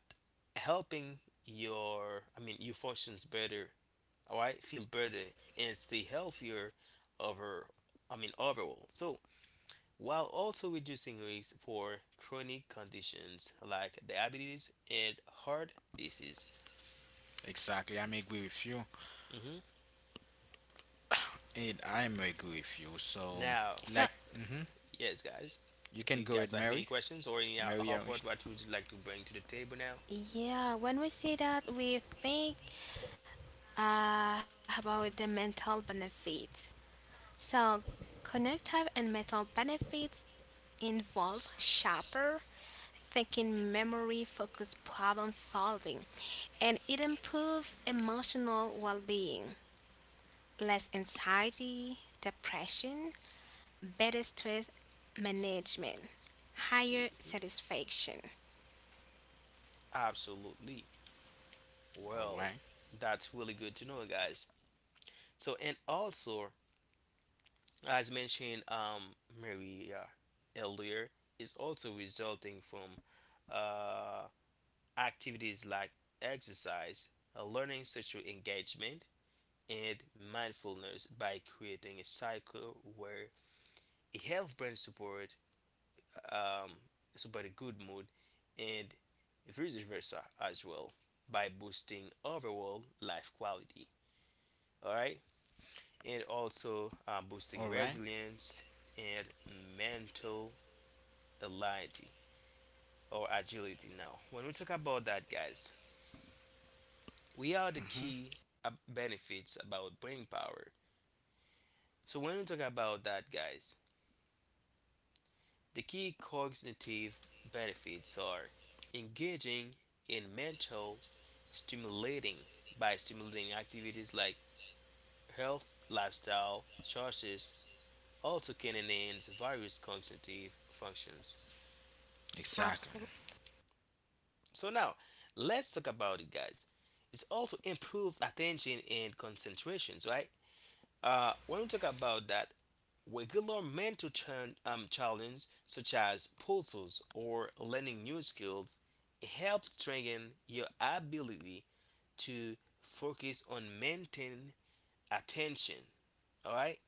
helping your, I mean, you functions better. All right, feel better and stay healthier over, I mean, overall. So while also reducing risk for chronic conditions like diabetes and heart disease.
Exactly, I'm agree with you,
Hmm.
and I'm agree with you. So,
Now,
So,
like,
yes, guys,
you
do
can
you
go
guys
with
have any
Mary.
questions or any
Mary, all
hot part what you would like to bring to the table now?
yeah, when we say that, we think about the mental benefits. So, connective and metal benefits involve sharper thinking, memory, focus, problem solving, and it improves emotional well being, less anxiety, depression, better stress management, higher
Mm-hmm.
satisfaction.
Absolutely. Well,
right,
that's really good to know, guys. So, and also, as mentioned, Maria earlier, is also resulting from uh, activities like exercise, learning social engagement, and mindfulness by creating a cycle where a health brand support, um, support a good mood, and vice versa as well by boosting overall life quality. All right, and also boosting
all right.
resilience and mental agility or agility. Now, when we talk about that, guys, we are the
Mm-hmm.
key benefits about brain power. So when we talk about that, guys, the key cognitive benefits are engaging in mental stimulating by stimulating activities like health, lifestyle, choices, also can enhance various cognitive functions.
Exactly,
Absolutely.
So now, let's talk about it, guys. It's also improved attention and concentrations, right? When we talk about that, regular challenges, such as puzzles or learning new skills, help strengthen your ability to focus on maintaining attention. All right.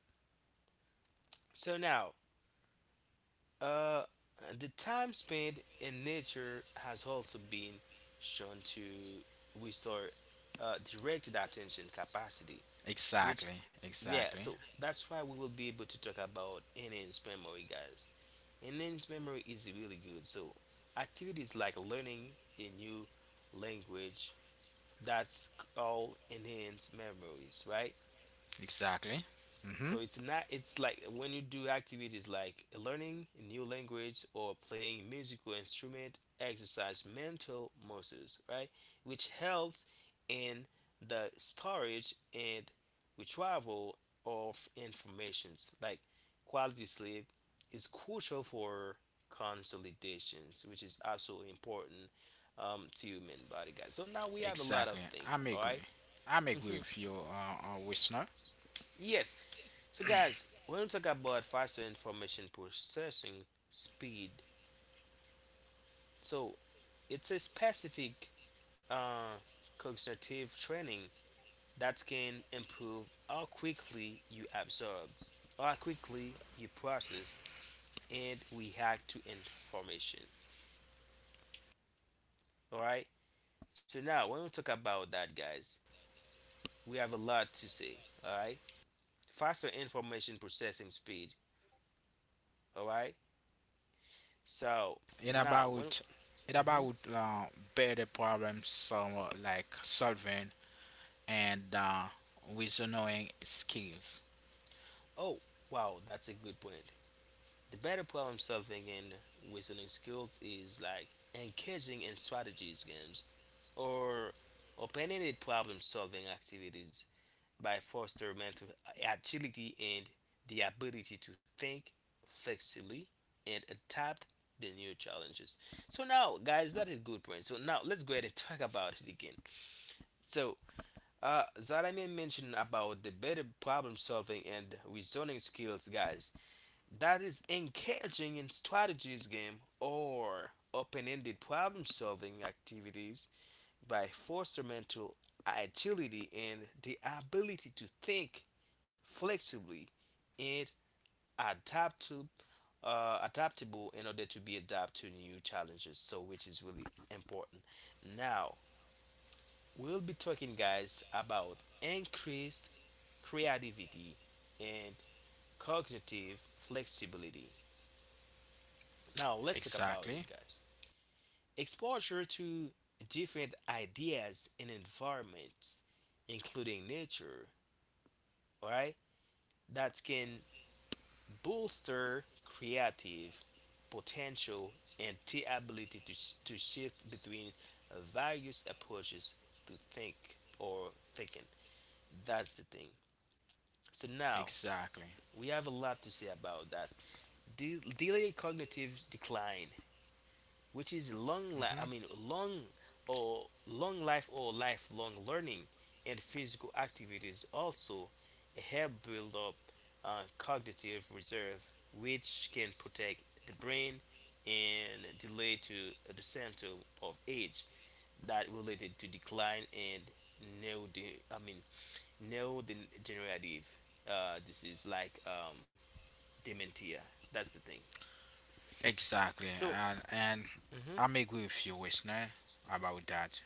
So now, uh, the time spent in nature has also been shown to restore directed attention capacity, which
exactly,
yeah.
exactly,
So that's why we will be able to talk about any memory, guys. Enhanced memory is really good. So, activities like learning a new language that's all enhanced memories, right?
exactly. Mm-hmm.
So it's not it's like when you do activities like learning a new language or playing musical instrument exercise mental muscles, right? Which helps in the storage and retrieval of informations. Like quality sleep is crucial for consolidations, which is absolutely important to human body guys. So now we have a lot of
Exactly.
thing,
I'm
all
agree.
right?
I'm agree
Mhm.
with you, listener.
Yes, so, guys, when we talk about faster information processing speed, so it's a specific uh, cognitive training that can improve how quickly you absorb, how quickly you process, and react to information. All right. So now, when we talk about that, guys, we have a lot to say. All right. Faster information processing speed. All right. So
It
now, when.
about it about
Mhm.
better problem like solving and with knowing skills.
Oh, wow, that's a good point. The better problem solving and reasoning skills is like engaging in strategies games or open-ended problem solving activities by foster mental agility and the ability to think flexibly and adapt the new challenges. So now, guys, that is good point. So now let's go ahead and talk about it again. So Zalamin mentioned about the better problem solving and reasoning skills, guys that is engaging in strategies game or open-ended problem-solving activities by foster mental agility and the ability to think flexibly and adapt to adaptable in order to be adapt to new challenges so which is really important now we'll be talking guys about increased creativity and cognitive flexibility. Now let's talk about it,
Exactly,
guys. Exposure to different ideas and environments, including nature, all right, that can bolster creative potential and the ability to, to shift between various approaches to think or thinking. That's the thing. So now
exactly,
we have a lot to say about that. Delayed cognitive decline which is I
hmm
mean long or long life or lifelong learning and physical activities also help build up cognitive reserve which can protect the brain and delay to the symptom of age that related to decline and no I mean no degenerative disease like dementia. That's the thing.
exactly.
So
And
mhm.
I'm agree with you, listener, about that.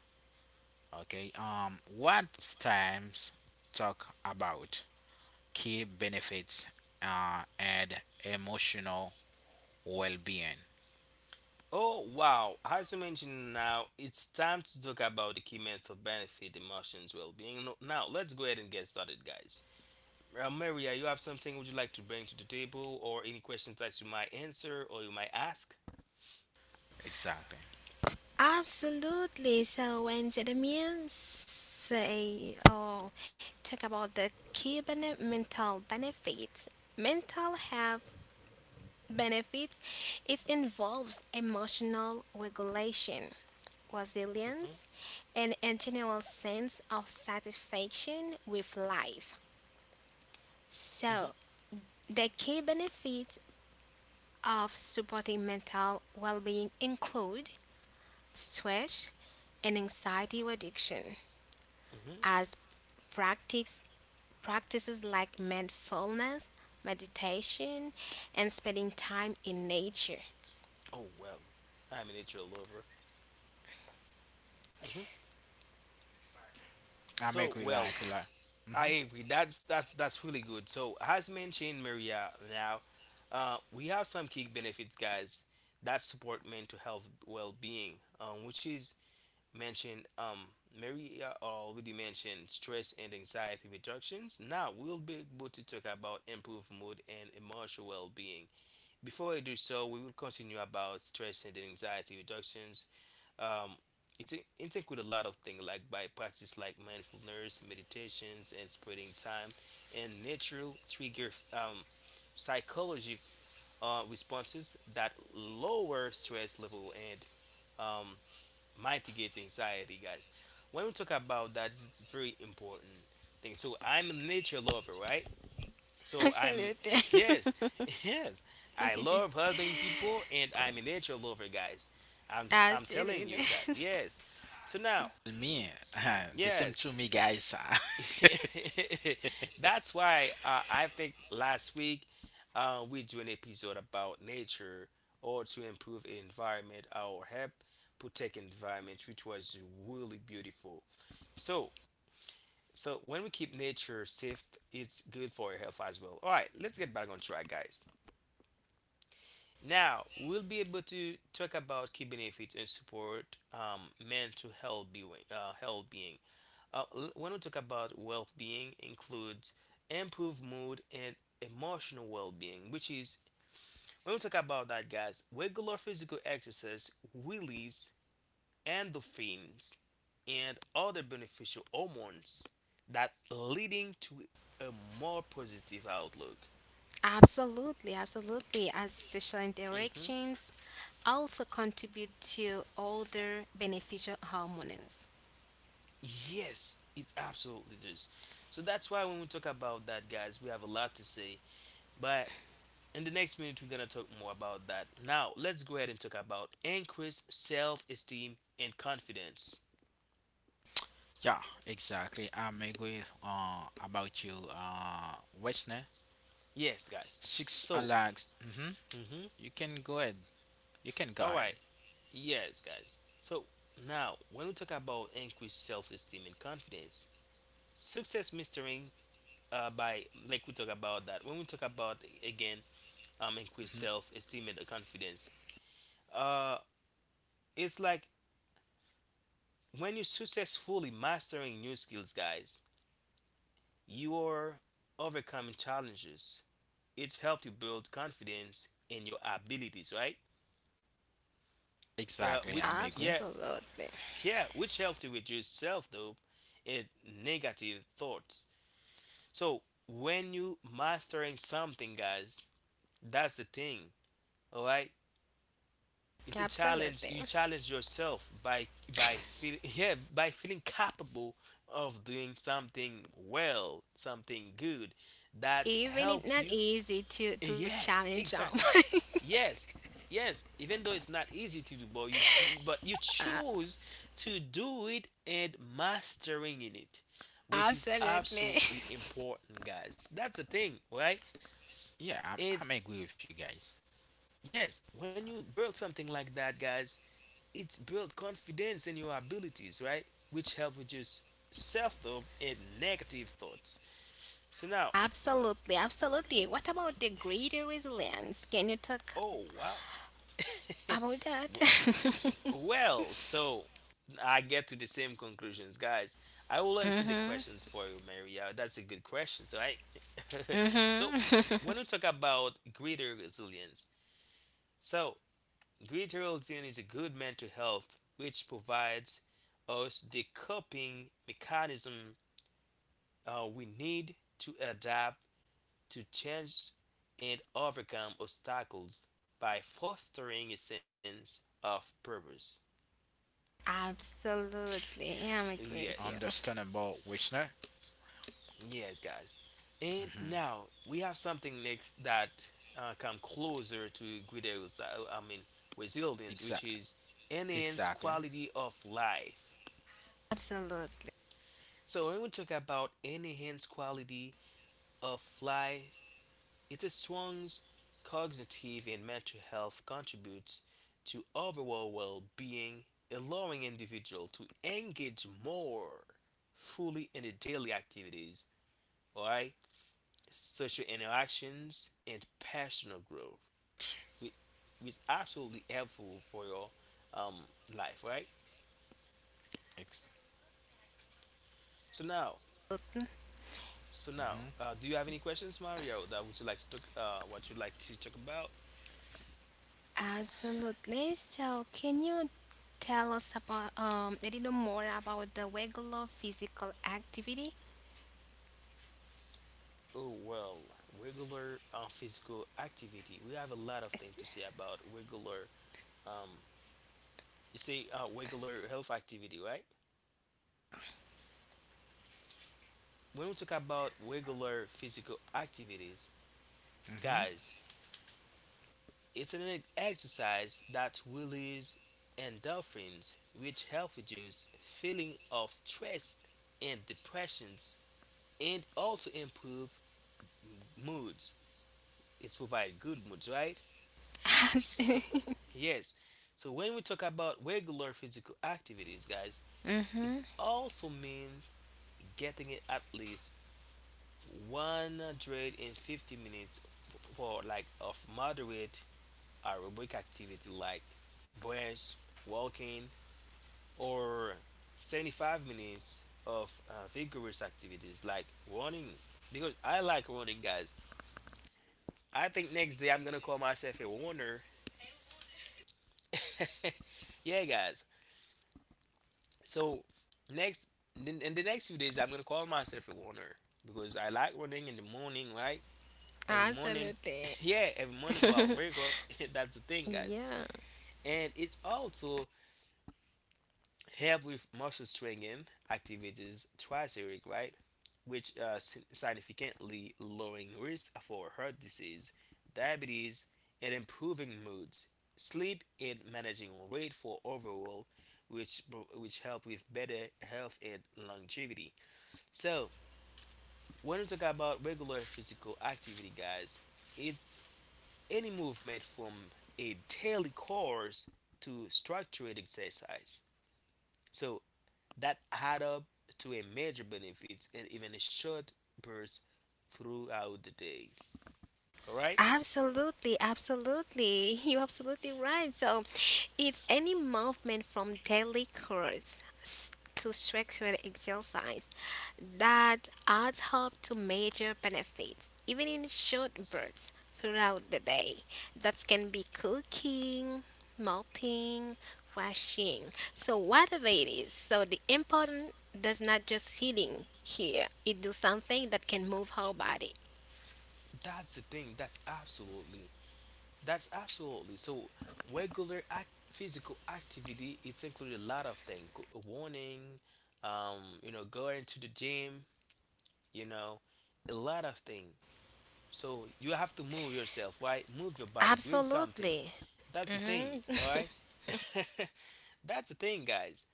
Okay. What times talk about key benefits and emotional well-being.
Oh wow, as you mentioned now, it's time to talk about the key mental benefit, emotions, well-being. No- Now, let's go ahead and get started, guys. Maria, you have something would you like to bring to the table, or any questions that you might answer or you might ask?
Exactly.
Absolutely. So when the means say or talk about the mental benefits, mental health benefits, it involves emotional regulation,
Hmm.
resilience, and a general sense of satisfaction with life. So,
Hmm.
the key benefits of supporting mental well being include stress, and anxiety reduction
Hmm.
as practice, practices like mindfulness, meditation, and spending time in nature.
Oh well, I'm a nature lover. Hmm.
I
So
make we
well,
like like.
I
Mm-hmm.
agree. That's that's really good. So as mentioned, Maria, now we have some key benefits, guys, that support mental health well-being, which is mentioned Mary already mentioned stress and anxiety reductions. Now we'll be able to talk about improved mood and emotional well-being. Before I do so, we will continue about stress and anxiety reductions. Um, it's include a lot of things like by practice like mindfulness, meditations, and spending time, and natural trigger psychology responses that lower stress level and um, mitigate anxiety, guys. When we talk about that, it's a very important thing. So I'm a nature lover, right? So I'm
Absolutely.
yes, yes. I love helping people, and I'm a nature lover, guys. I'm telling
Absolutely.
you, guys. Yes. So now,
Me, the same to
yes.
me, guys.
That's why I think last week we do an episode about nature or to improve environment our help protect environment, which was really beautiful. So, so when we keep nature safe, it's good for your health as well. All right, let's get back on track, guys. Now we'll be able to talk about key benefits and support mental health being when we talk about well-being includes improved mood and emotional well-being which is when we talk about that guys regular physical exercise release endorphins and other beneficial hormones that leading to a more positive outlook.
Absolutely, absolutely. As social
Hmm.
interactions also contribute to other beneficial hormones.
Yes, it absolutely does. So that's why when we talk about that guys we have a lot to say but in the next minute we're gonna talk more about that. Now let's go ahead and talk about increased self-esteem and confidence.
yeah, exactly. I'm agree about you, Westner.
Yes guys
Six
so
likes. Mm-hmm.
mhm,
You can go ahead. You can go
all
ahead.
right. Yes guys so now when we talk about increased self-esteem and confidence success mastering by like we talk about that when we talk about again increased
Mm-hmm.
self-esteem and the confidence uh it's like when you're successfully mastering new skills guys you are overcoming challenges it's helped you build confidence in your abilities, right?
Exactly.
Which
I'm agree.
yeah,
Absolutely.
yeah, which helps you reduce self doubt and negative thoughts. So when you mastering something, guys, that's the thing. All right, it's a challenge. You
Absolutely.
challenge yourself by feel yeah by feeling capable of doing something well, something good that
Even it's
helps
not
you.
easy to
Yes,
challenge them.
exactly. Yes, yes. Even though it's not easy to do, but you but you choose to do it and mastering in it, which is
Absolutely.
absolutely important, guys. That's the thing, right?
Yeah, I'm
And
agree with you guys.
yes, when you build something like that, guys, it's built confidence in your abilities, right? Which help reduce self-doubt and negative thoughts. So now,
Absolutely, absolutely. What about the greater resilience? Can you talk
oh wow,
about that?
W- well, so I get to the same conclusions, guys. I will answer the
Mhm.
questions for you, Maria. That's a good question. So I, so when
Mhm.
we talk about greater resilience, so greater resilience is a good mental health which provides us the coping mechanism we need to adapt to change and overcome obstacles by fostering a sense of purpose.
Absolutely. Yeah, I agree with you.
Yes,
Understandable, Westner.
yes, guys. And
Mm-hmm.
now we have something next that come closer to I mean, resilience, which
Exactly.
is enhanced
Exactly.
quality of life.
Absolutely.
So when we talk about enhanced quality of life, it's a strong's cognitive and mental health contributes to overall well-being, allowing individual to engage more fully in the daily activities. All right, social interactions, and personal growth, whi- which is absolutely helpful for your um, life, right?
Ex-
So now, so now,
mm-hmm.
do you have any questions, Mario, that would you like to talk, what you'd like to talk about?
Absolutely. So, can you tell us about a little more about the regular physical activity?
Oh well, regular physical activity. We have a lot of things
Yes.
to say about regular. Um, you say regular health activity, right? When we talk about regular physical activities,
Mm-hmm.
guys, it's an exercise that releases endorphins, which help reduce feeling of stress and depressions, and also improve moods. It's provide good moods, right? So, yes. So when we talk about regular physical activities, guys, it
Mhm.
also means getting it at least 150 minutes for like of moderate aerobic activity like breath, walking, or 75 minutes of vigorous activities like running because I like running, guys. I think next day I'm gonna call myself a runner. Yeah, guys. So next in the next few days I'm gonna call myself a runner because I like running in the morning, right? Every morning.
Absolutely.
Yeah, every morning while I wake up. That's the thing, guys.
Yeah.
And it's also help with muscle strengthening activities twice a week, right? Which significantly lowering risk for heart disease, diabetes, and improving moods, sleep, and managing weight for overall, which which help with better health and longevity. So when we talk about regular physical activity, guys, it's any movement from a daily course to structured exercise. So that add up to a major benefits in even a short burst throughout the day. All right?
Absolutely, absolutely. You're absolutely right. So, it's any movement from daily chores to structured exercise that adds up to major benefits, even in short bursts throughout the day. That can be cooking, mopping, washing. So, whatever it is, so the important does not just sitting here, it do something that can move our body.
That's the thing. That's absolutely. That's absolutely. So physical activity it's included a lot of things. Warning, going to the gym, you know, a lot of things. So you have to move yourself, right? Move your body, doing something.
Absolutely.
That's the
Hmm.
thing, all right? That's the thing, guys.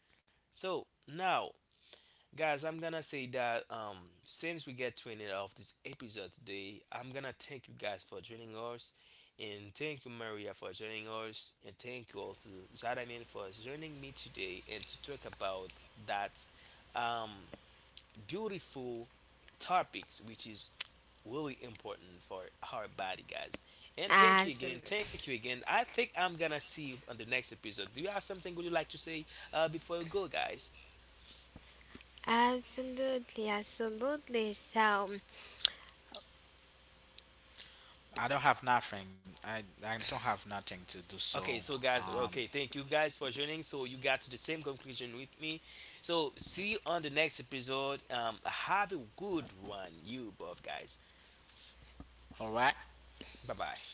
So now guys, I'm gonna say that since we get to an end of this episode today, I'm gonna thank you guys for joining us, and thank you Maria for joining us, and thank you also Zadamin for joining me today and to talk about that um, beautiful topics, which is really important for our body, guys. And thank you again,
Absolutely.
thank you again. I think I'm gonna see you on the next episode. Do you have something would you like to say before you go, guys?
Absolutely. Absolutely. So,
I don't have nothing. I don't have nothing to do.
Okay,
So,
so guys,
um,
okay, thank you guys for joining. So you got to the same conclusion with me. So see you on the next episode. Have a good one, you both guys.
all right.
Bye bye.